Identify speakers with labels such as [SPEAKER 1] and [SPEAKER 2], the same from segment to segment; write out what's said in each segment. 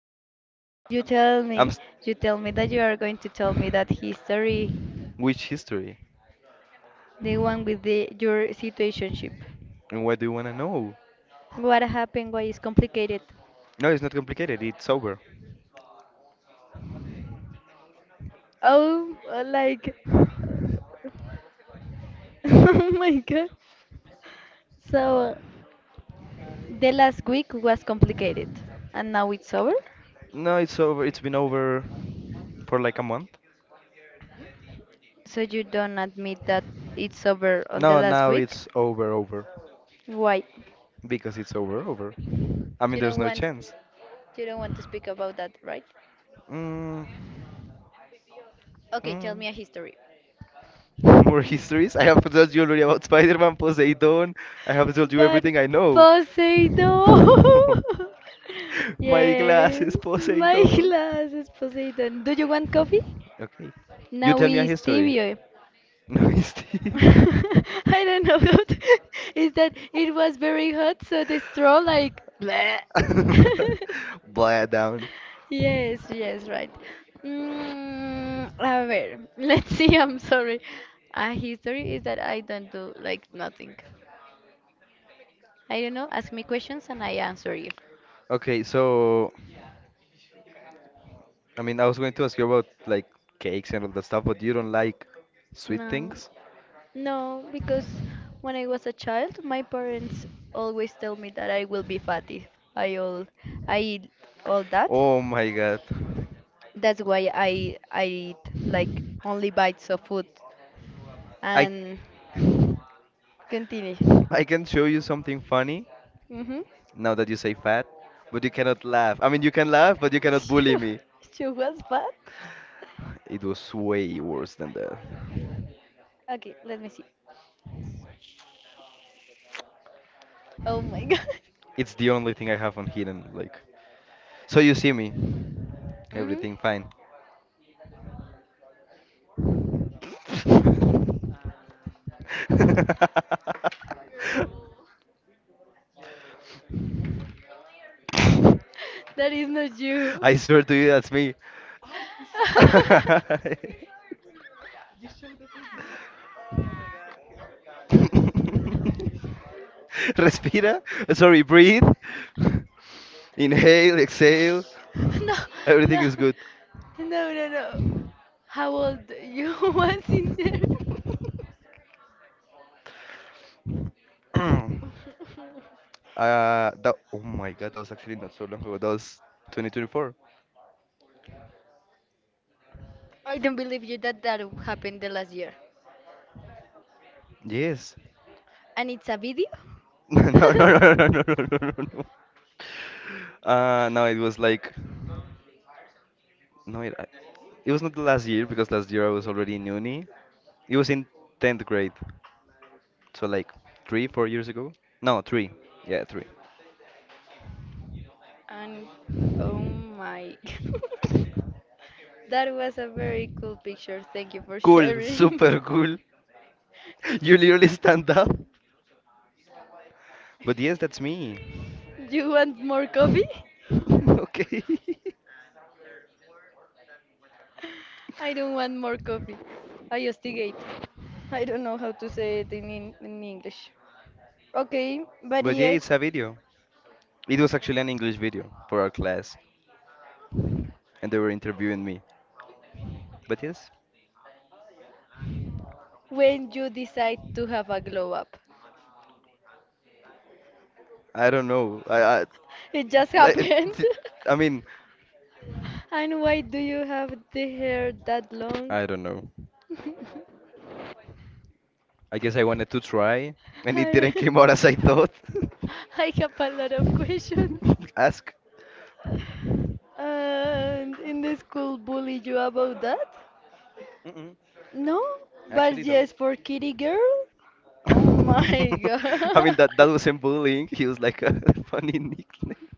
[SPEAKER 1] history. You
[SPEAKER 2] I'm st-
[SPEAKER 1] tell me, you tell me that you are going to tell me that history,
[SPEAKER 2] which history?
[SPEAKER 1] the one with the your situationship.
[SPEAKER 2] And what do you wanna know?
[SPEAKER 1] What happened? Why is complicated?
[SPEAKER 2] No, it's not complicated. It's over.
[SPEAKER 1] Oh, uh, like, oh my God. So the last week was complicated, and now it's over.
[SPEAKER 2] No, it's over. It's been over for like a month.
[SPEAKER 1] So you don't admit that it's over on the
[SPEAKER 2] No,
[SPEAKER 1] last
[SPEAKER 2] now
[SPEAKER 1] week?
[SPEAKER 2] it's over, over.
[SPEAKER 1] Why?
[SPEAKER 2] Because it's over, over. I mean,
[SPEAKER 1] You
[SPEAKER 2] there's
[SPEAKER 1] don't
[SPEAKER 2] no
[SPEAKER 1] want,
[SPEAKER 2] chance.
[SPEAKER 1] you don't want to speak about that, right?
[SPEAKER 2] Mm,
[SPEAKER 1] Okay, tell
[SPEAKER 2] mm.
[SPEAKER 1] me a history.
[SPEAKER 2] More histories? I have told you already about Spider-Man, Poseidon. I have told you
[SPEAKER 1] But
[SPEAKER 2] everything I know.
[SPEAKER 1] Poseidon.
[SPEAKER 2] My
[SPEAKER 1] Yes,
[SPEAKER 2] glasses,
[SPEAKER 1] my
[SPEAKER 2] Poseidon.
[SPEAKER 1] glass is Poseidon. Do you want coffee?
[SPEAKER 2] Okay. You
[SPEAKER 1] Now
[SPEAKER 2] tell me a
[SPEAKER 1] we
[SPEAKER 2] history.
[SPEAKER 1] stevia.
[SPEAKER 2] No history.
[SPEAKER 1] I don't know how to. Is that it was very hot, so the straw like. Bleh.
[SPEAKER 2] Blah down.
[SPEAKER 1] Yes, yes, right. A ver, let's see. I'm sorry. A history is that I don't do like nothing. I don't know, ask me questions and I answer you.
[SPEAKER 2] Okay, so I mean, I was going to ask you about like cakes and all that stuff, but you don't like sweet
[SPEAKER 1] No,
[SPEAKER 2] things?
[SPEAKER 1] no, because when I was a child, my parents always tell me that I will be fat if I all I eat all that.
[SPEAKER 2] Oh my God.
[SPEAKER 1] That's why I eat like only bites of food
[SPEAKER 2] I
[SPEAKER 1] and continue.
[SPEAKER 2] I can show you something funny
[SPEAKER 1] Mhm.
[SPEAKER 2] now that you say fat, but you cannot laugh. I mean, you can laugh, but you cannot
[SPEAKER 1] She,
[SPEAKER 2] bully me.
[SPEAKER 1] she was fat.
[SPEAKER 2] It was way worse than that.
[SPEAKER 1] Okay, let me see. Oh my God,
[SPEAKER 2] It's the only thing I have on hidden, like. So you see me.
[SPEAKER 1] hmm
[SPEAKER 2] Everything fine.
[SPEAKER 1] that is not you.
[SPEAKER 2] I swear to you, that's me. Respira. Sorry, breathe. Inhale, exhale.
[SPEAKER 1] No,
[SPEAKER 2] Everything
[SPEAKER 1] no,
[SPEAKER 2] is good.
[SPEAKER 1] no, no, no. How old you was in there?
[SPEAKER 2] uh, oh my god, that was actually not so long ago. That was 2024.
[SPEAKER 1] I don't believe you that that happened the last year.
[SPEAKER 2] Yes.
[SPEAKER 1] And it's a video?
[SPEAKER 2] No, no, no, no, no, no, no, no, no, no. No, it was like, no, it was not the last year because last year I was already in uni. It was in 10th grade, so like three, 4 years ago. No, three. Yeah, three.
[SPEAKER 1] And oh my. That was a very cool picture. Thank you for
[SPEAKER 2] Cool, super
[SPEAKER 1] sharing.
[SPEAKER 2] cool. You literally stand up. But yes, that's me.
[SPEAKER 1] You want more coffee?
[SPEAKER 2] Okay.
[SPEAKER 1] I don't want more coffee. I hostigate. I don't know how to say it in English. Okay, but
[SPEAKER 2] But yeah, it's
[SPEAKER 1] yes,
[SPEAKER 2] a video. It was actually an English video for our class, and they were interviewing me. But yes,
[SPEAKER 1] when you decide to have a glow up,
[SPEAKER 2] I don't know. I
[SPEAKER 1] it just
[SPEAKER 2] like,
[SPEAKER 1] happened.
[SPEAKER 2] I mean,
[SPEAKER 1] And why do you have the hair that long?
[SPEAKER 2] I don't know.
[SPEAKER 1] I,
[SPEAKER 2] I guess I wanted to try, and it didn't came out as I thought.
[SPEAKER 1] I have a lot of questions.
[SPEAKER 2] Ask.
[SPEAKER 1] And in the school bully you about that?
[SPEAKER 2] Mm-mm.
[SPEAKER 1] No, but
[SPEAKER 2] Actually,
[SPEAKER 1] yes,
[SPEAKER 2] don't.
[SPEAKER 1] for kitty girl? Oh my
[SPEAKER 2] I mean
[SPEAKER 1] God.
[SPEAKER 2] that that wasn't bullying. He was like a funny nickname,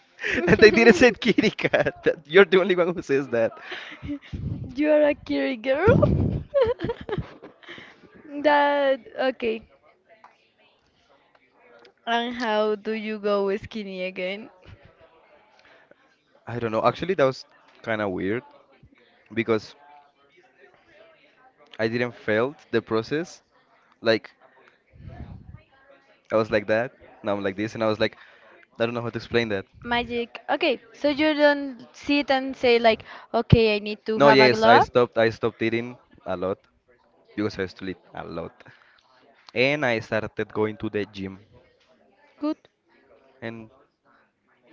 [SPEAKER 2] and they didn't say kitty cat. That, you're the only one who says that.
[SPEAKER 1] You are a kitty girl? That, okay. And how do you go skinny again?
[SPEAKER 2] I don't know. Actually, that was kind of weird because I didn't fail the process. Like I was like that. Now I'm like this, and I was like, I don't know how to explain that.
[SPEAKER 1] Magic. Okay, so you don't sit and say like, okay, I need to
[SPEAKER 2] No,
[SPEAKER 1] have a
[SPEAKER 2] yes, I
[SPEAKER 1] glow up.
[SPEAKER 2] stopped. I stopped eating a lot because I used to eat a lot, and I started going to the gym,
[SPEAKER 1] Good.
[SPEAKER 2] and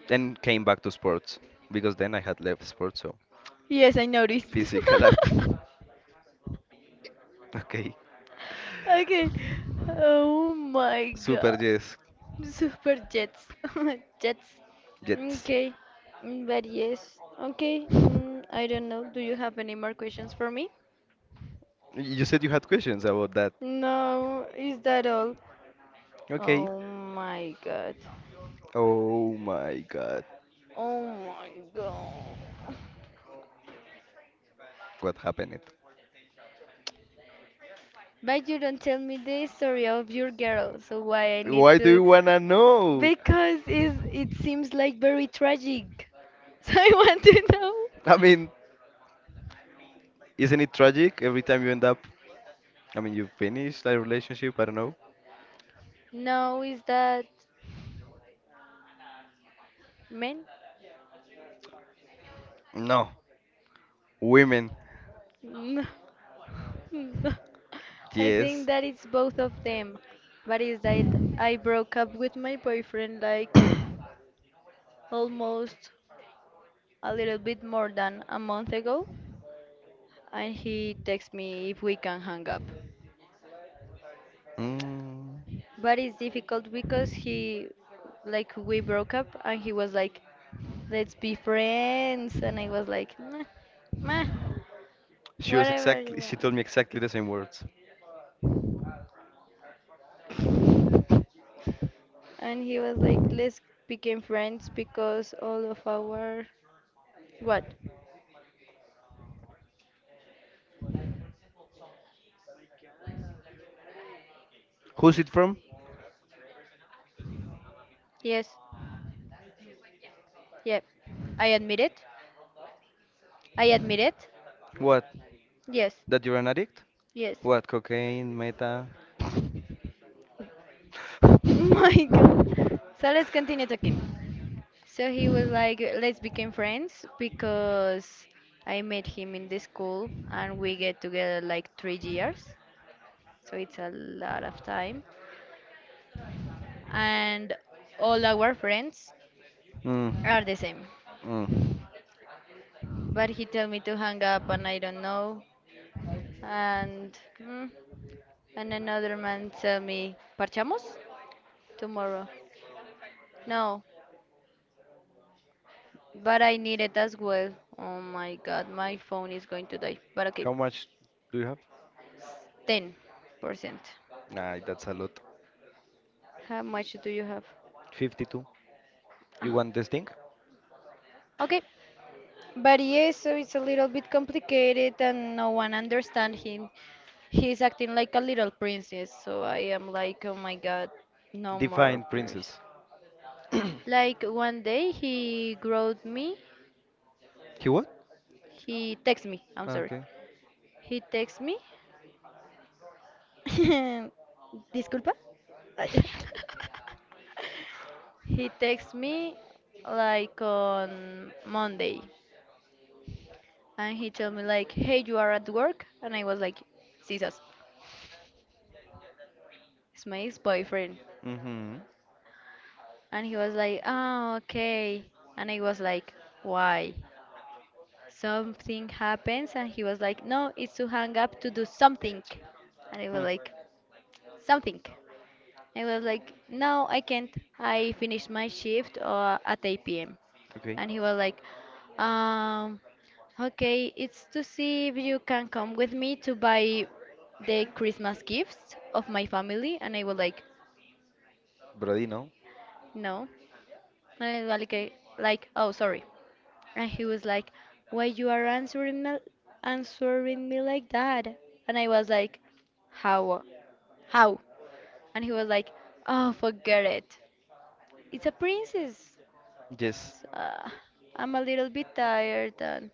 [SPEAKER 2] then came back to sports because then I had left sports. So.
[SPEAKER 1] Yes, I noticed.
[SPEAKER 2] Physical active. Okay.
[SPEAKER 1] Okay. Oh my
[SPEAKER 2] Super
[SPEAKER 1] God.
[SPEAKER 2] jets.
[SPEAKER 1] Super jets. Jets.
[SPEAKER 2] Jets.
[SPEAKER 1] Okay. But yes. Okay. I don't know. Do you have any more questions for me?
[SPEAKER 2] You said you had questions about that.
[SPEAKER 1] No, is that all?
[SPEAKER 2] Okay.
[SPEAKER 1] Oh my God.
[SPEAKER 2] Oh my god.
[SPEAKER 1] Oh my God.
[SPEAKER 2] What happened?
[SPEAKER 1] But you don't tell me the story of your girl, so why I need
[SPEAKER 2] Why do you
[SPEAKER 1] to?
[SPEAKER 2] wanna know?
[SPEAKER 1] Because it seems like very tragic. So I want to know.
[SPEAKER 2] I mean, isn't it tragic every time you end up? I mean, you finish that relationship, I don't know.
[SPEAKER 1] No, is that men?
[SPEAKER 2] No. Women.
[SPEAKER 1] No, no. I think
[SPEAKER 2] Yes.
[SPEAKER 1] that it's both of them. But is that I broke up with my boyfriend like almost a little bit more than a month ago, and he texts me if we can hang up.
[SPEAKER 2] Mm.
[SPEAKER 1] But it's difficult because he like we broke up and he was like let's be friends and I was like meh, meh, whatever you
[SPEAKER 2] She
[SPEAKER 1] want
[SPEAKER 2] told me exactly the same words.
[SPEAKER 1] and he was like let's become friends because all of our what
[SPEAKER 2] Who's it from?
[SPEAKER 1] yes yep I admit it. I admit it.
[SPEAKER 2] What?
[SPEAKER 1] Yes
[SPEAKER 2] That you're an addict?
[SPEAKER 1] yes
[SPEAKER 2] What? Cocaine, meta?
[SPEAKER 1] my god. So let's continue talking. So he was like, let's become friends because I met him in the school and we get together like 3 years. So it's a lot of time. And all our friends
[SPEAKER 2] Mm,
[SPEAKER 1] are the same.
[SPEAKER 2] mm.
[SPEAKER 1] But he told me to hang up and I don't know. And mm, and another man tell me, parchamos tomorrow. No, but I need it as well. Oh my god, my phone is going to die. But okay,
[SPEAKER 2] How much do you have?
[SPEAKER 1] 10%.
[SPEAKER 2] Nah, that's a lot.
[SPEAKER 1] How much do you have?
[SPEAKER 2] 52.
[SPEAKER 1] Ah.
[SPEAKER 2] You want this thing?
[SPEAKER 1] Okay, but yes, so it's a little bit complicated and no one understand him. He's acting like a little princess, so I am like, oh my god, no more
[SPEAKER 2] Define
[SPEAKER 1] princess.
[SPEAKER 2] princess.
[SPEAKER 1] Like one day he wrote me,
[SPEAKER 2] You what?
[SPEAKER 1] he text me, I'm
[SPEAKER 2] Ah,
[SPEAKER 1] sorry.
[SPEAKER 2] okay.
[SPEAKER 1] He text me. Disculpa. Ay. He text me like on Monday. And he told me like, "Hey, you are at work?" And I was like, "Jesus, it's my ex-boyfriend."
[SPEAKER 2] Mm-hmm.
[SPEAKER 1] And he was like, "Oh, okay." And I was like, "Why?" Something happens, and he was like, "No, it's to hang up to do something." And I was
[SPEAKER 2] Mm.
[SPEAKER 1] like, "Something." I was like, no, I can't. I finished my shift at 8 p.m.
[SPEAKER 2] Okay.
[SPEAKER 1] And he was like, um, okay, it's to see if you can come with me to buy the Christmas gifts of my family. And I was like,
[SPEAKER 2] Brody, no?
[SPEAKER 1] no. And I was like, "Okay," like, oh, sorry. And he was like, why you are answering me like that? And I was like, how? How? And he was like, oh, forget it. It's a princess.
[SPEAKER 2] Yes.
[SPEAKER 1] Uh, I'm a little bit tired and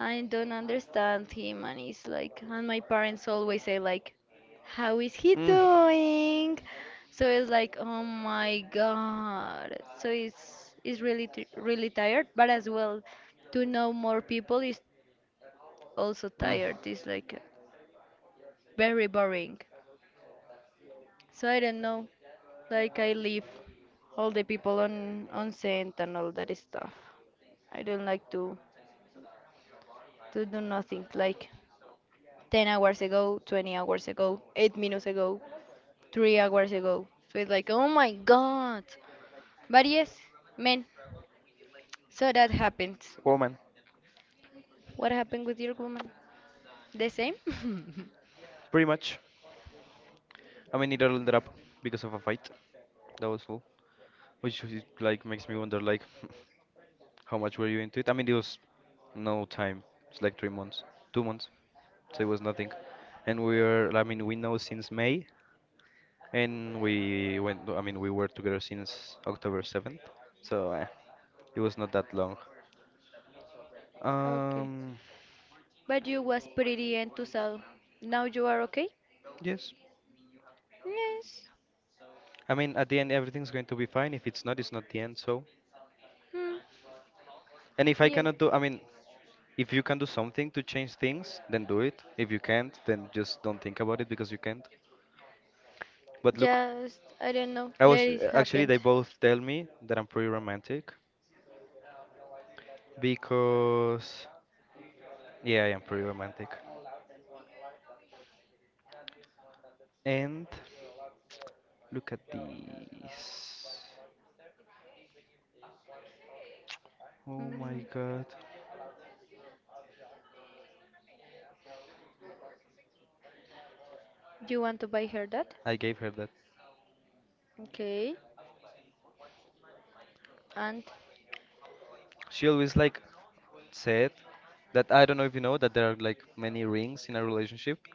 [SPEAKER 1] I don't understand him and it's like and my parents always say like how is he
[SPEAKER 2] Mm.
[SPEAKER 1] doing? So it's like oh my god. So it's really t really tired, but as well to know more people is also
[SPEAKER 2] Mm.
[SPEAKER 1] tired. It's like very boring. So I don't know. Like I leave all the people on scent and all that stuff. I don't like to. To do nothing like 10 hours ago, 20 hours ago, 8 minutes ago, 3 hours ago. So it's like, oh my god. But yes, man, so that happens.
[SPEAKER 2] Woman.
[SPEAKER 1] What happened with your woman? The same?
[SPEAKER 2] Pretty much. I mean, it all ended up because of a fight. That was all. Which is, like makes me wonder, like, how much were you into it? I mean, it was no time. It's like 3 months, 2 months. So it was nothing. I mean, we know since May, and we went. I mean, we were together since October 7th. So it was not that long.
[SPEAKER 1] Okay.
[SPEAKER 2] Um,
[SPEAKER 1] But you was pretty and to sell. Now you are okay?
[SPEAKER 2] yes.
[SPEAKER 1] Yes.
[SPEAKER 2] I mean, at the end, everything's going to be fine. If it's not, it's not the end. So,
[SPEAKER 1] Hmm.
[SPEAKER 2] and if I
[SPEAKER 1] Yeah.
[SPEAKER 2] cannot do, I mean, if you can do something to change things, then do it. If you can't, then just don't think about it because you can't. But look,
[SPEAKER 1] Just, I don't know,
[SPEAKER 2] I
[SPEAKER 1] let
[SPEAKER 2] was
[SPEAKER 1] it
[SPEAKER 2] actually,
[SPEAKER 1] happen.
[SPEAKER 2] they both tell me that I'm pretty romantic because yeah, I am pretty romantic. And look at this. Oh my
[SPEAKER 1] Mm,
[SPEAKER 2] god.
[SPEAKER 1] you want to buy her that?
[SPEAKER 2] I gave her that.
[SPEAKER 1] Okay. And
[SPEAKER 2] She always like said that I don't know if you know that there are like many rings in a relationship.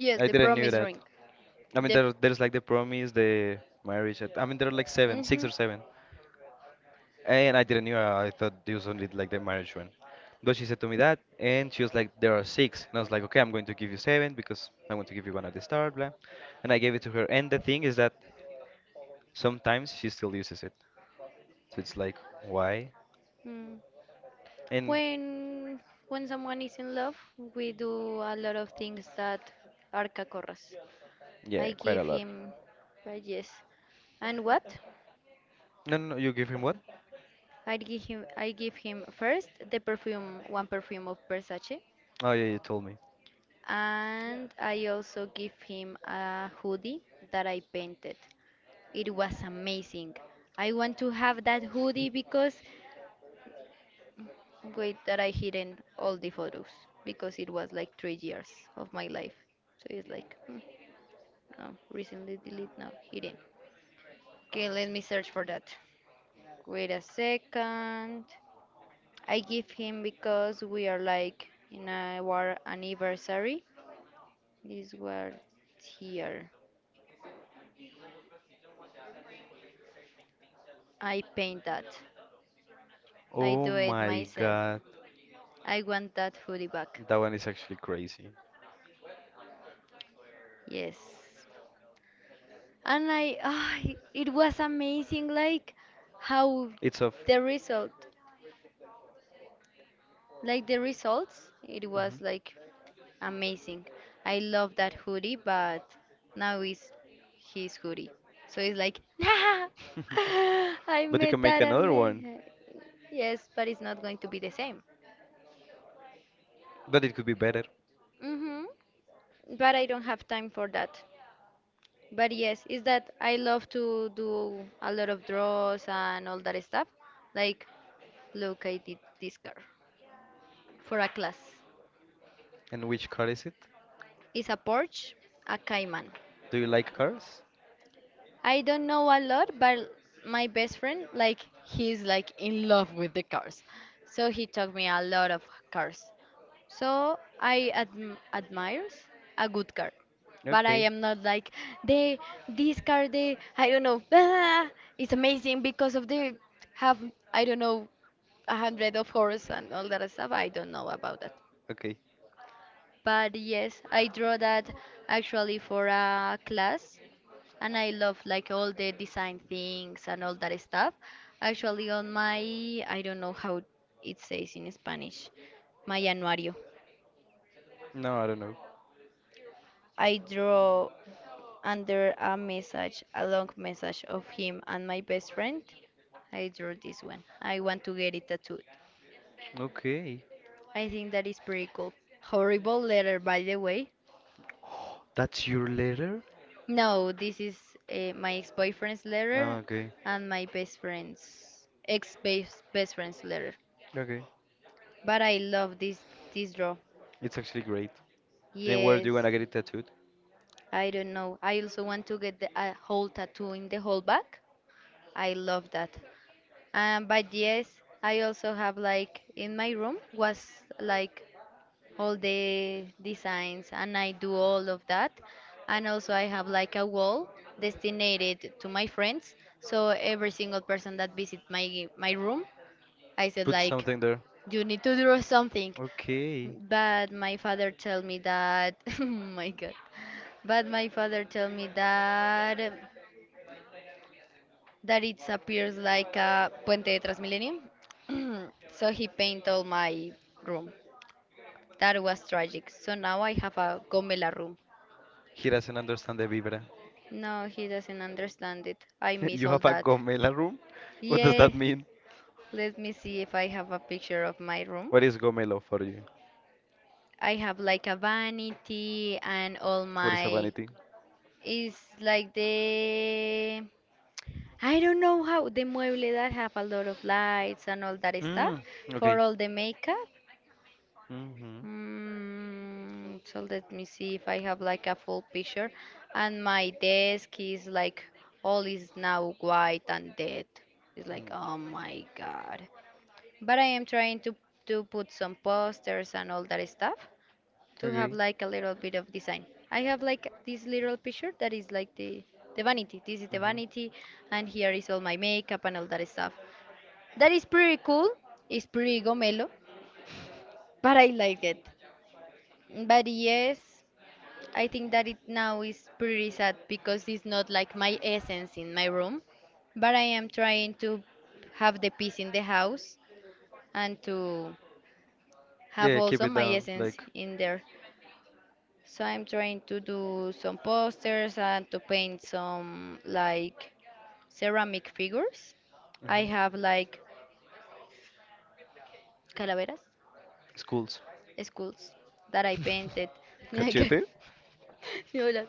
[SPEAKER 1] yes,
[SPEAKER 2] I
[SPEAKER 1] the
[SPEAKER 2] didn't knew
[SPEAKER 1] promise
[SPEAKER 2] that.
[SPEAKER 1] ring.
[SPEAKER 2] I mean
[SPEAKER 1] The
[SPEAKER 2] there's like the promise, the marriage. I mean there are like seven, six
[SPEAKER 1] Mhm.
[SPEAKER 2] or seven. And I didn't knew. I thought it was only like the marriage one. But she said to me that, and she was like, "There are six." And I was like, "Okay, I'm going to give you seven because I want to give you one at the start." Blah. And I gave it to her. And the thing is that sometimes she still uses it. So it's like, why?
[SPEAKER 1] Mm.
[SPEAKER 2] And
[SPEAKER 1] When when someone is in love, we do a lot of things that are cacorras.
[SPEAKER 2] yeah,
[SPEAKER 1] I
[SPEAKER 2] quite
[SPEAKER 1] give
[SPEAKER 2] a lot.
[SPEAKER 1] him, but yes. And what?
[SPEAKER 2] No, no, no. You give him what?
[SPEAKER 1] I give him first the perfume, one perfume of Versace,
[SPEAKER 2] Oh yeah, you told me.
[SPEAKER 1] and I also give him a hoodie that I painted. It was amazing. I want to have that hoodie because wait that I hidden all the photos because it was like 3 years of my life. So it's like hmm, no recently delete now hidden. Okay, let me search for that. Wait a second. I give him because we are like in our anniversary. This was here. I paint that. I
[SPEAKER 2] Oh
[SPEAKER 1] do it
[SPEAKER 2] my
[SPEAKER 1] myself.
[SPEAKER 2] God,
[SPEAKER 1] I want that hoodie back.
[SPEAKER 2] that one is actually crazy.
[SPEAKER 1] Yes. And I, ah, it was amazing, like how
[SPEAKER 2] It's of.
[SPEAKER 1] the result, the results, it was
[SPEAKER 2] Mhm.
[SPEAKER 1] like amazing. I love that hoodie, but now it's his hoodie. So it's like, I
[SPEAKER 2] But you can
[SPEAKER 1] made
[SPEAKER 2] make
[SPEAKER 1] that. I
[SPEAKER 2] another one.
[SPEAKER 1] made. Yes, but it's not going to be the same.
[SPEAKER 2] But it could be better.
[SPEAKER 1] Mm-hmm. But I don't have time for that. But yes, is that I love to do a lot of draws and all that stuff. Like, look, I did this car for a class.
[SPEAKER 2] And which car is it?
[SPEAKER 1] It's a Porsche, a Cayman.
[SPEAKER 2] Do you like cars?
[SPEAKER 1] I don't know a lot, but my best friend, like, he's like in love with the cars. So he taught me a lot of cars. So I admires a good car, but I
[SPEAKER 2] Okay.
[SPEAKER 1] am not like they this car they I don't know ah, it's amazing because of they have I don't know a hundred of horse and all that stuff. I don't know about that.
[SPEAKER 2] Okay.
[SPEAKER 1] But yes, I draw that actually for a class, and I love like all the design things and all that stuff. Actually, on my I don't know how it says in Spanish, my anuario.
[SPEAKER 2] No, I don't know.
[SPEAKER 1] I draw under a message, a long message of him and my best friend. I drew this one. I want to get it tattooed.
[SPEAKER 2] Okay.
[SPEAKER 1] I think that is pretty cool. Horrible letter, by the way.
[SPEAKER 2] That's your letter?
[SPEAKER 1] No, this is my ex-boyfriend's letter
[SPEAKER 2] Ah, okay.
[SPEAKER 1] and my best friend's ex-best best friend's letter.
[SPEAKER 2] Okay.
[SPEAKER 1] But I love this draw.
[SPEAKER 2] It's actually great. And where do
[SPEAKER 1] Yes,
[SPEAKER 2] you wanna get it tattooed?
[SPEAKER 1] I don't know. I also want to get a whole tattoo in the whole back. I love that. But yes, I also have like in my room was like all the designs and I do all of that. And also I have like a wall designated to my friends. So every single person that visit my room, I said
[SPEAKER 2] Put
[SPEAKER 1] like
[SPEAKER 2] something there.
[SPEAKER 1] you need to draw something.
[SPEAKER 2] Okay.
[SPEAKER 1] But my father tell me that oh my god. But my father tell me that that it appears like a puente de Transmilenio. So he paint all my room. That was tragic. So now I have a gomela room.
[SPEAKER 2] He doesn't understand the vibra.
[SPEAKER 1] No, he doesn't understand it. I miss
[SPEAKER 2] You
[SPEAKER 1] all
[SPEAKER 2] have a
[SPEAKER 1] that.
[SPEAKER 2] gomela room? What does
[SPEAKER 1] Yeah,
[SPEAKER 2] that mean?
[SPEAKER 1] let me see if I have a picture of my room.
[SPEAKER 2] What is gomelo for you?
[SPEAKER 1] I have like a vanity and all
[SPEAKER 2] What is a
[SPEAKER 1] my
[SPEAKER 2] vanity?
[SPEAKER 1] it's like the I don't know how the mueble that have a lot of lights and all that stuff
[SPEAKER 2] Mm, okay.
[SPEAKER 1] for all the makeup.
[SPEAKER 2] Mm-hmm.
[SPEAKER 1] So let me see if I have like a full picture. And my desk is like all is now white and dead. It's like, oh my God. But I am trying to. To put some posters and all that stuff to have
[SPEAKER 2] Okay.
[SPEAKER 1] like a little bit of design. I have like this little picture that is like the vanity. This is the
[SPEAKER 2] Hmm.
[SPEAKER 1] vanity, and here is all my makeup and all that stuff. That is pretty cool. It's pretty gomelo, but I like it. But yes. I think that it now is pretty sad because it's not like my essence in my room, but I am trying to have the peace in the house and to have
[SPEAKER 2] Yeah, keep
[SPEAKER 1] also
[SPEAKER 2] it
[SPEAKER 1] my
[SPEAKER 2] down.
[SPEAKER 1] essence
[SPEAKER 2] Like,
[SPEAKER 1] in there. So I'm trying to do some posters and to paint some like ceramic figures. I
[SPEAKER 2] mhm.
[SPEAKER 1] have like calaveras,
[SPEAKER 2] Schools.
[SPEAKER 1] skulls that I painted like
[SPEAKER 2] Cachete?
[SPEAKER 1] hola.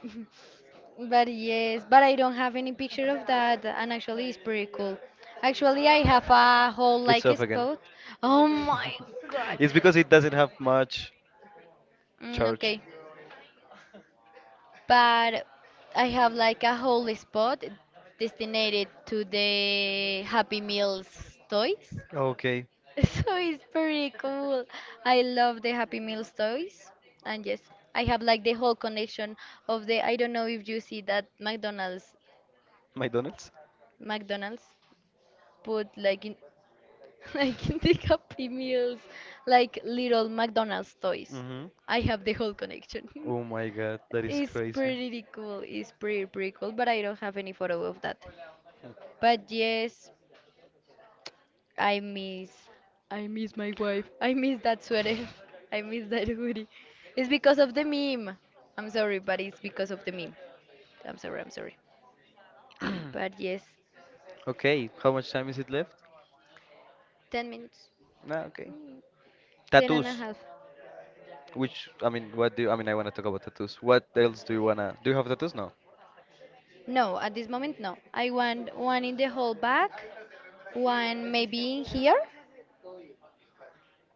[SPEAKER 1] But yes, but I don't have any picture of that, and actually, it's pretty cool. Actually, I have a whole
[SPEAKER 2] It's
[SPEAKER 1] like a
[SPEAKER 2] off again.
[SPEAKER 1] spot. Oh my god.
[SPEAKER 2] It's because it doesn't have much
[SPEAKER 1] Mm,
[SPEAKER 2] charge.
[SPEAKER 1] okay, but I have like a whole spot designated to the Happy Meals toys.
[SPEAKER 2] Okay,
[SPEAKER 1] So it's pretty cool. I love the Happy Meals toys. And yes, I have like the whole connection of the I don't know if you see that McDonald's
[SPEAKER 2] McDonald's.
[SPEAKER 1] McDonald's put like in I can take up pre-meals like little McDonald's toys.
[SPEAKER 2] Hmm.
[SPEAKER 1] I have the whole connection.
[SPEAKER 2] Oh my god, that is
[SPEAKER 1] It's
[SPEAKER 2] crazy.
[SPEAKER 1] pretty cool. It's pretty cool, but I don't have any photo of that. But yes, I miss I miss my wife. I miss that sweater. I miss that hoodie. It's because of the meme. I'm sorry, but it's because of the meme. I'm sorry. But yes,
[SPEAKER 2] Okay, how much time is it left?
[SPEAKER 1] 10 minutes.
[SPEAKER 2] Ah, okay.
[SPEAKER 1] Ten and a
[SPEAKER 2] Tattoos.
[SPEAKER 1] half.
[SPEAKER 2] Which I mean, I mean? I want to talk about tattoos. What else do you wanna? Do you have tattoos? No.
[SPEAKER 1] No, at this moment, no. I want one in the whole back. One maybe in here,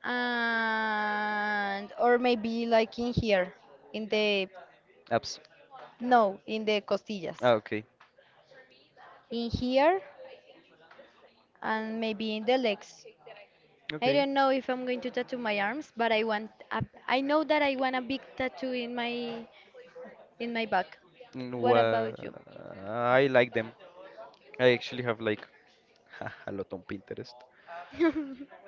[SPEAKER 1] and or maybe like in here, in the
[SPEAKER 2] Apps.
[SPEAKER 1] no, in the costillas,
[SPEAKER 2] Ah, okay.
[SPEAKER 1] in here and maybe in the legs. I
[SPEAKER 2] Okay.
[SPEAKER 1] don't know if I'm going to tattoo my arms, but I want a, I know that I want a big tattoo in my back.
[SPEAKER 2] Mm,
[SPEAKER 1] What about you?
[SPEAKER 2] wha- I like them. I actually have like a lot on Pinterest.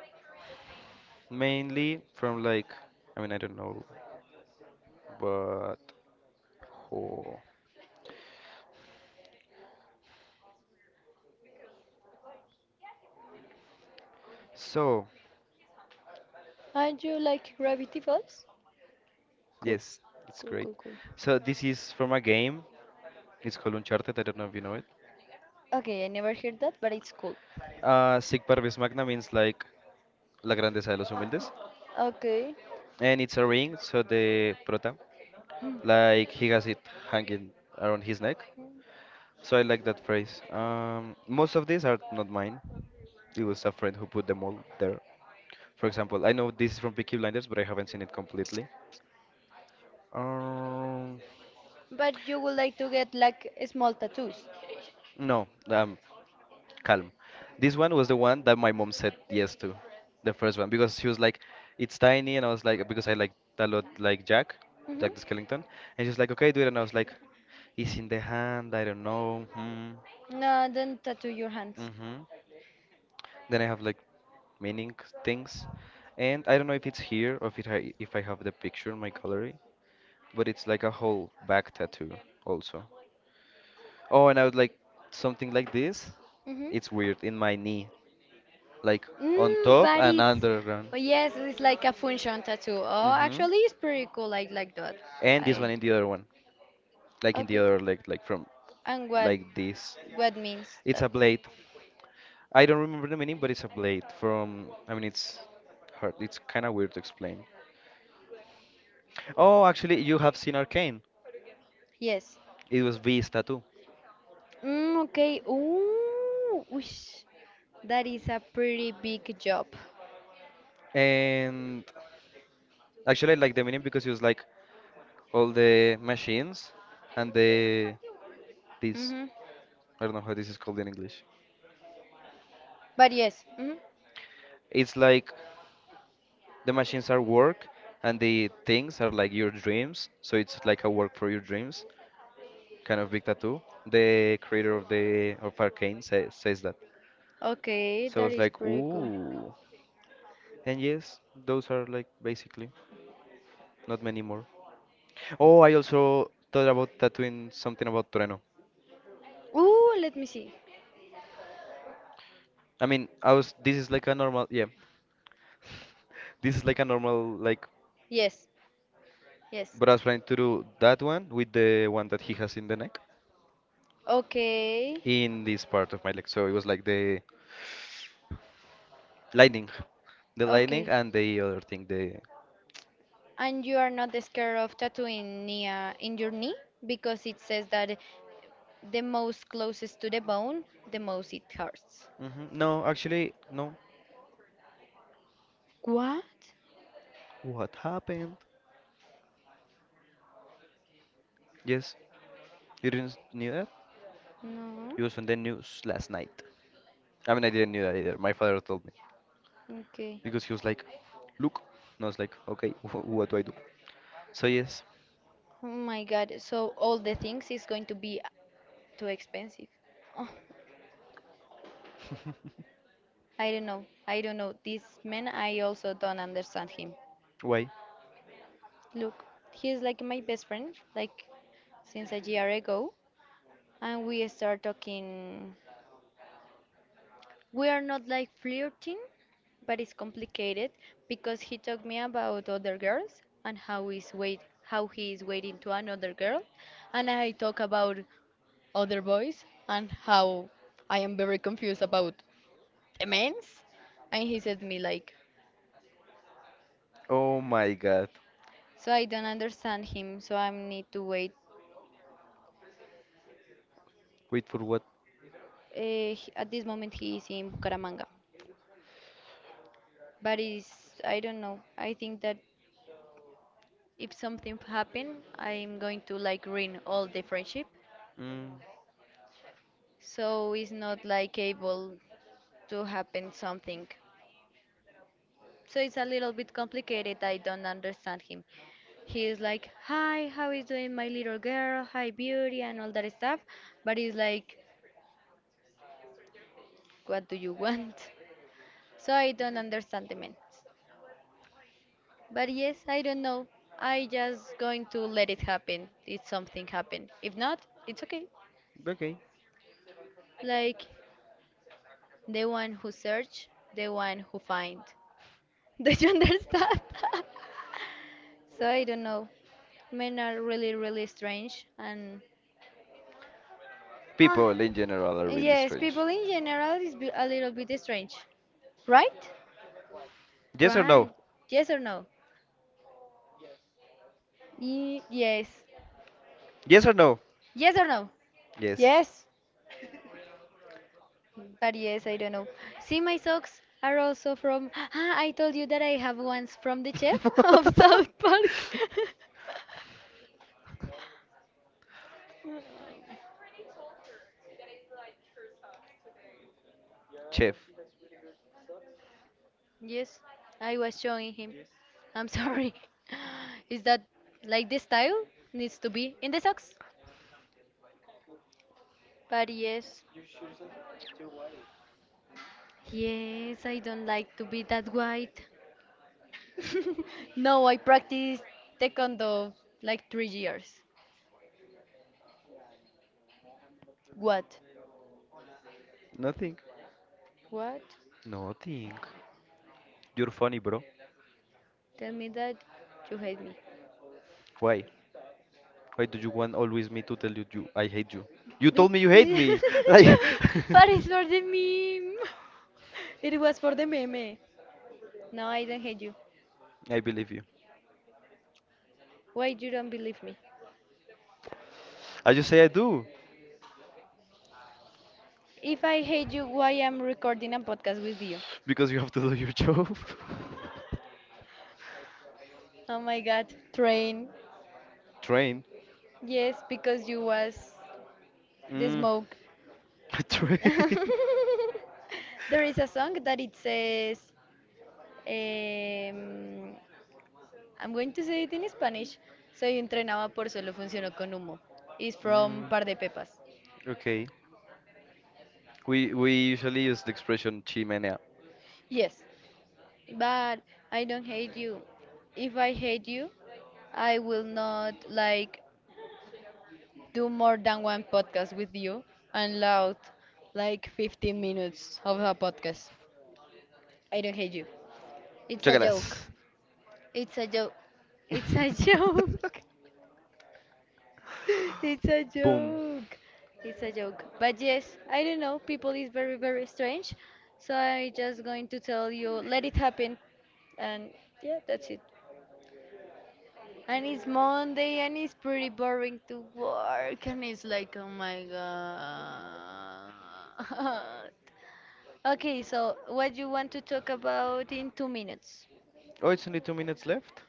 [SPEAKER 2] Mainly from, like, I mean, I don't know, but oh. So
[SPEAKER 1] Aren't you like Gravity Falls? Cool.
[SPEAKER 2] yes, it's
[SPEAKER 1] cool
[SPEAKER 2] great.
[SPEAKER 1] cool cool
[SPEAKER 2] So this is from a game. It's called Uncharted. I don't know if you know it.
[SPEAKER 1] Okay, I never heard that, but it's cool.
[SPEAKER 2] Sig Parvis Magna means like la grandeza de los humildes,
[SPEAKER 1] Okay.
[SPEAKER 2] and it's a ring. So the prota, like he has it hanging around his neck. So I like that phrase. Most of these are not mine. It was a friend who put them all there. For example, I know this is from Peaky Blinders, but I haven't seen it completely. Um,
[SPEAKER 1] But you would like to get like small tattoos.
[SPEAKER 2] no, calm. This one was the one that my mom said yes to, the first one, because she was like, "It's tiny," and I was like, because I like a lot, like Jack,
[SPEAKER 1] Hmm.
[SPEAKER 2] Jack the Skellington, and she was like, "Okay, do it," and I was like, "It's in the hand. I don't know." Hmm,
[SPEAKER 1] No, don't tattoo your hands.
[SPEAKER 2] mm-hmm. Then I have like meaning things, and I don't know if it's here or if I have the picture in my gallery, but it's like a whole back tattoo also. Oh, and I would like something like this.
[SPEAKER 1] Hmm.
[SPEAKER 2] It's weird in my knee, like on
[SPEAKER 1] Mm,
[SPEAKER 2] top
[SPEAKER 1] but
[SPEAKER 2] and
[SPEAKER 1] it's
[SPEAKER 2] underground.
[SPEAKER 1] but yes, it's like a function tattoo. Oh,
[SPEAKER 2] Hmm.
[SPEAKER 1] actually, it's pretty cool. I like that.
[SPEAKER 2] And this
[SPEAKER 1] I
[SPEAKER 2] one in the other one, like in the
[SPEAKER 1] okay.
[SPEAKER 2] other leg, like from
[SPEAKER 1] And
[SPEAKER 2] like this.
[SPEAKER 1] what means
[SPEAKER 2] It's
[SPEAKER 1] that?
[SPEAKER 2] a blade. I don't remember the meaning, but it's a blade from. I mean, it's hard. It's kind of weird to explain. Oh, actually, you have seen Arcane.
[SPEAKER 1] Yes.
[SPEAKER 2] It was V's tattoo.
[SPEAKER 1] Mm, okay. Ooh, whoosh. That is a pretty big job.
[SPEAKER 2] And actually, I like the meaning because it was like all the machines and the this.
[SPEAKER 1] Mm-hmm.
[SPEAKER 2] I don't know how this is called in English.
[SPEAKER 1] But yes, mm-hmm.
[SPEAKER 2] It's like the machines are work and the things are like your dreams, so it's like a work for your dreams kind of big tattoo. The creator of the of Arcane says that,
[SPEAKER 1] Okay,
[SPEAKER 2] so
[SPEAKER 1] that
[SPEAKER 2] it's
[SPEAKER 1] is
[SPEAKER 2] like
[SPEAKER 1] pretty cool.
[SPEAKER 2] ooh. And yes, those are like basically not many more. Oh, I also thought about tattooing something about Torino.
[SPEAKER 1] Ooh, let me see.
[SPEAKER 2] I mean, I was this is like a normal, yeah, this is like a normal, like,
[SPEAKER 1] Yes, yes.
[SPEAKER 2] but I was planning to do
[SPEAKER 1] Okay,
[SPEAKER 2] that one with the one that he has in the neck in this part of my leg, so it was like the Lightning. The lightning
[SPEAKER 1] okay.
[SPEAKER 2] and the other thing. The
[SPEAKER 1] And you are not scared of tattooing near in your knee, because it says that the most closest to the bone, the most it hurts.
[SPEAKER 2] hmm No, actually, no.
[SPEAKER 1] What?
[SPEAKER 2] What happened? Yes, you didn't knew that.
[SPEAKER 1] No.
[SPEAKER 2] It was on the news last night. I mean, I didn't knew that either. My father told me
[SPEAKER 1] Okay.
[SPEAKER 2] because he was like, "Look," and I was like, "Okay, what do I do?" So yes,
[SPEAKER 1] Oh my God. So all the things is going to be too expensive. Oh, I don't know. I don't know. This man, I also don't understand him.
[SPEAKER 2] why?
[SPEAKER 1] Look, he is like my best friend, like since a year ago, and we start talking. We are not like flirting, but it's complicated because he talked me about other girls and how he's wait how he is waiting to another girl, and I talk about other boys and how I am very confused about the men's, and he said me like.
[SPEAKER 2] Oh my God.
[SPEAKER 1] So I don't understand him, so I need to wait.
[SPEAKER 2] Wait for what?
[SPEAKER 1] He- at this moment, he is in Bucaramanga. But it's I don't know. I think that if something happen, I'm going to like ruin all the friendship.
[SPEAKER 2] Mm,
[SPEAKER 1] So it's not like able to happen something. So it's a little bit complicated. I don't understand him. He is like, "Hi, how is doing my little girl? Hi, beauty, and all that stuff." But he's like, "What do you want?" So I don't understand the man. But yes, I don't know. I just going to let it happen. If something happen. If not, it's okay.
[SPEAKER 2] okay.
[SPEAKER 1] Like the one who search, the one who find. Do you understand? So I don't know. Men are really, really strange and ah,
[SPEAKER 2] People in general are really
[SPEAKER 1] yes,
[SPEAKER 2] strange.
[SPEAKER 1] people in general is be- a little bit strange, right? Yes or no?
[SPEAKER 2] Yes or no?
[SPEAKER 1] Right. Yes or no? Yes.
[SPEAKER 2] Yes or no?
[SPEAKER 1] Yes or no?
[SPEAKER 2] Yes.
[SPEAKER 1] Yes. But yes, I don't know. See, my socks are also from. Ah, I told you that I have ones from the chef of South Park.
[SPEAKER 2] Chef.
[SPEAKER 1] Yes, I was showing him. I'm sorry. Is that like the style needs to be in the socks? But yes, yes, I don't like to be that white. No, I practiced taekwondo like 3 years. What?
[SPEAKER 2] Nothing.
[SPEAKER 1] What?
[SPEAKER 2] Nothing. You're funny, bro.
[SPEAKER 1] Tell me that you hate me.
[SPEAKER 2] Why? Why do you want always me to tell you, you I hate you? You told me you hate me.
[SPEAKER 1] Because
[SPEAKER 2] Like,
[SPEAKER 1] but it's for the meme. It was for the meme. No, I don't hate you.
[SPEAKER 2] I believe you.
[SPEAKER 1] Why you don't believe me?
[SPEAKER 2] I just say I do
[SPEAKER 1] If I hate you, why I'm recording a podcast with you?
[SPEAKER 2] because you have to do your job.
[SPEAKER 1] Oh my god, train.
[SPEAKER 2] Train.
[SPEAKER 1] Yes, because you was the
[SPEAKER 2] Mm.
[SPEAKER 1] smoke.
[SPEAKER 2] Train.
[SPEAKER 1] There is a song that it says um, I'm going to say it in Spanish. Soy entrenaba por solo funcionó con humo. It's from
[SPEAKER 2] Mm.
[SPEAKER 1] Par de Pepas.
[SPEAKER 2] Okay. We usually use the expression chimenea.
[SPEAKER 1] Yes, but I don't hate you. If I hate you, I will not like do more than one podcast with you and loud like 15 minutes of a podcast. I don't hate you. It's a joke.
[SPEAKER 2] Chocolates.
[SPEAKER 1] It's a joke. It's a joke. It's a
[SPEAKER 2] Boom.
[SPEAKER 1] joke. It's a joke. But yes, I don't know. People is very very strange. So I'm just going to tell you, let it happen, and yeah, that's it. And it's Monday and it's pretty boring to work and it's like oh my god. Okay, so what you want to talk about in 2 minutes?
[SPEAKER 2] Oh, it's only 2 minutes left.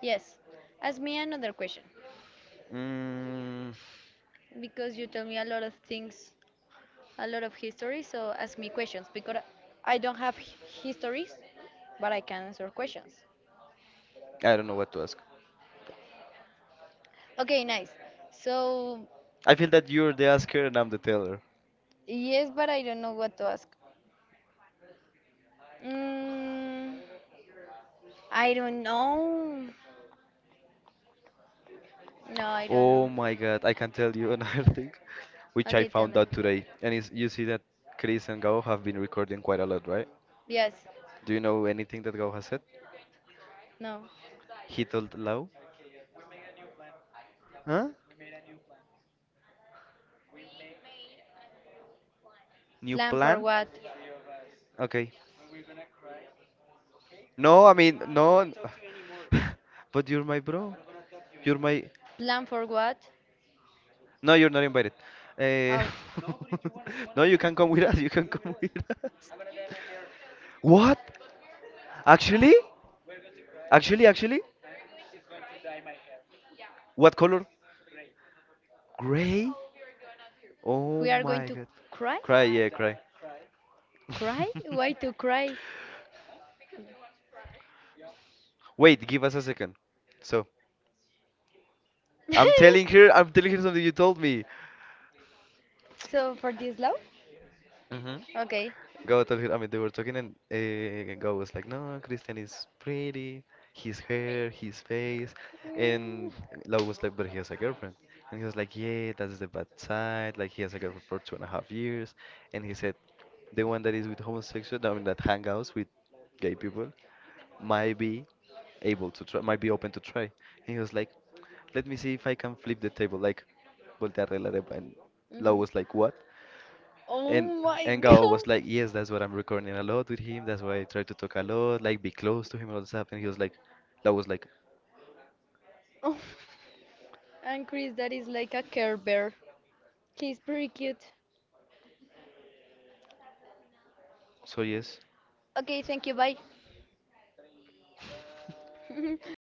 [SPEAKER 1] Yes. Ask me another question
[SPEAKER 2] Mm,
[SPEAKER 1] because you tell me a lot of things, a lot of history, so ask me questions because I don't have histories, but I can answer questions.
[SPEAKER 2] I don't know what to ask.
[SPEAKER 1] Okay, nice. So,
[SPEAKER 2] I feel that you're the asker and I'm the teller.
[SPEAKER 1] yes, but I don't know what to ask. Mm, I don't know. No, I don't know.
[SPEAKER 2] Oh my god, I can tell you another thing, which I
[SPEAKER 1] Okay, tell
[SPEAKER 2] found
[SPEAKER 1] me.
[SPEAKER 2] out today. And is you see that Chris and Gao have been recording quite a lot, right?
[SPEAKER 1] Yes.
[SPEAKER 2] Do you know anything that Gao has said?
[SPEAKER 1] No.
[SPEAKER 2] He told Lau, huh? New
[SPEAKER 1] Plan for
[SPEAKER 2] plan?
[SPEAKER 1] what?
[SPEAKER 2] Okay. No, I mean, no. But you're my bro. You're my.
[SPEAKER 1] Plan for what?
[SPEAKER 2] No, you're not invited. Eh,
[SPEAKER 1] Oh,
[SPEAKER 2] no, you can come with us. You can come with us. What? Actually? Actually, actually? What color? Gray?
[SPEAKER 1] we
[SPEAKER 2] Oh
[SPEAKER 1] are going
[SPEAKER 2] my
[SPEAKER 1] to
[SPEAKER 2] god.
[SPEAKER 1] cry?
[SPEAKER 2] Cry, yeah, cry.
[SPEAKER 1] Cry? Why to cry?
[SPEAKER 2] Wait, give us a second. So, I'm telling her, I'm telling her something you told me.
[SPEAKER 1] So for this love?
[SPEAKER 2] hmm
[SPEAKER 1] Okay.
[SPEAKER 2] God told her, I mean, they were talking, and God was like, "No, Christian is pretty, his hair, his face," and Lau was like, "But he has a girlfriend," and he was like, "Yeah, that's the bad side. Like he has a girlfriend for 2.5 years," and he said, "The one that is with homosexual, I mean, that hangouts with gay people, might be able to try, might be open to try," and he was like, "Let me see if I can flip the table, like, voltear la arepa," and
[SPEAKER 1] Hmm.
[SPEAKER 2] Lau was like, "What?"
[SPEAKER 1] Oh
[SPEAKER 2] And
[SPEAKER 1] my
[SPEAKER 2] and Gao was
[SPEAKER 1] god.
[SPEAKER 2] like, yes, that's what I'm recording a lot with him. That's why I try to talk a lot, like be close to him and all the stuff. And he was like, that was like,
[SPEAKER 1] Oh, and Chris, that is like a Care Bear. He's pretty cute.
[SPEAKER 2] so yes,
[SPEAKER 1] Okay, thank you. Bye. 不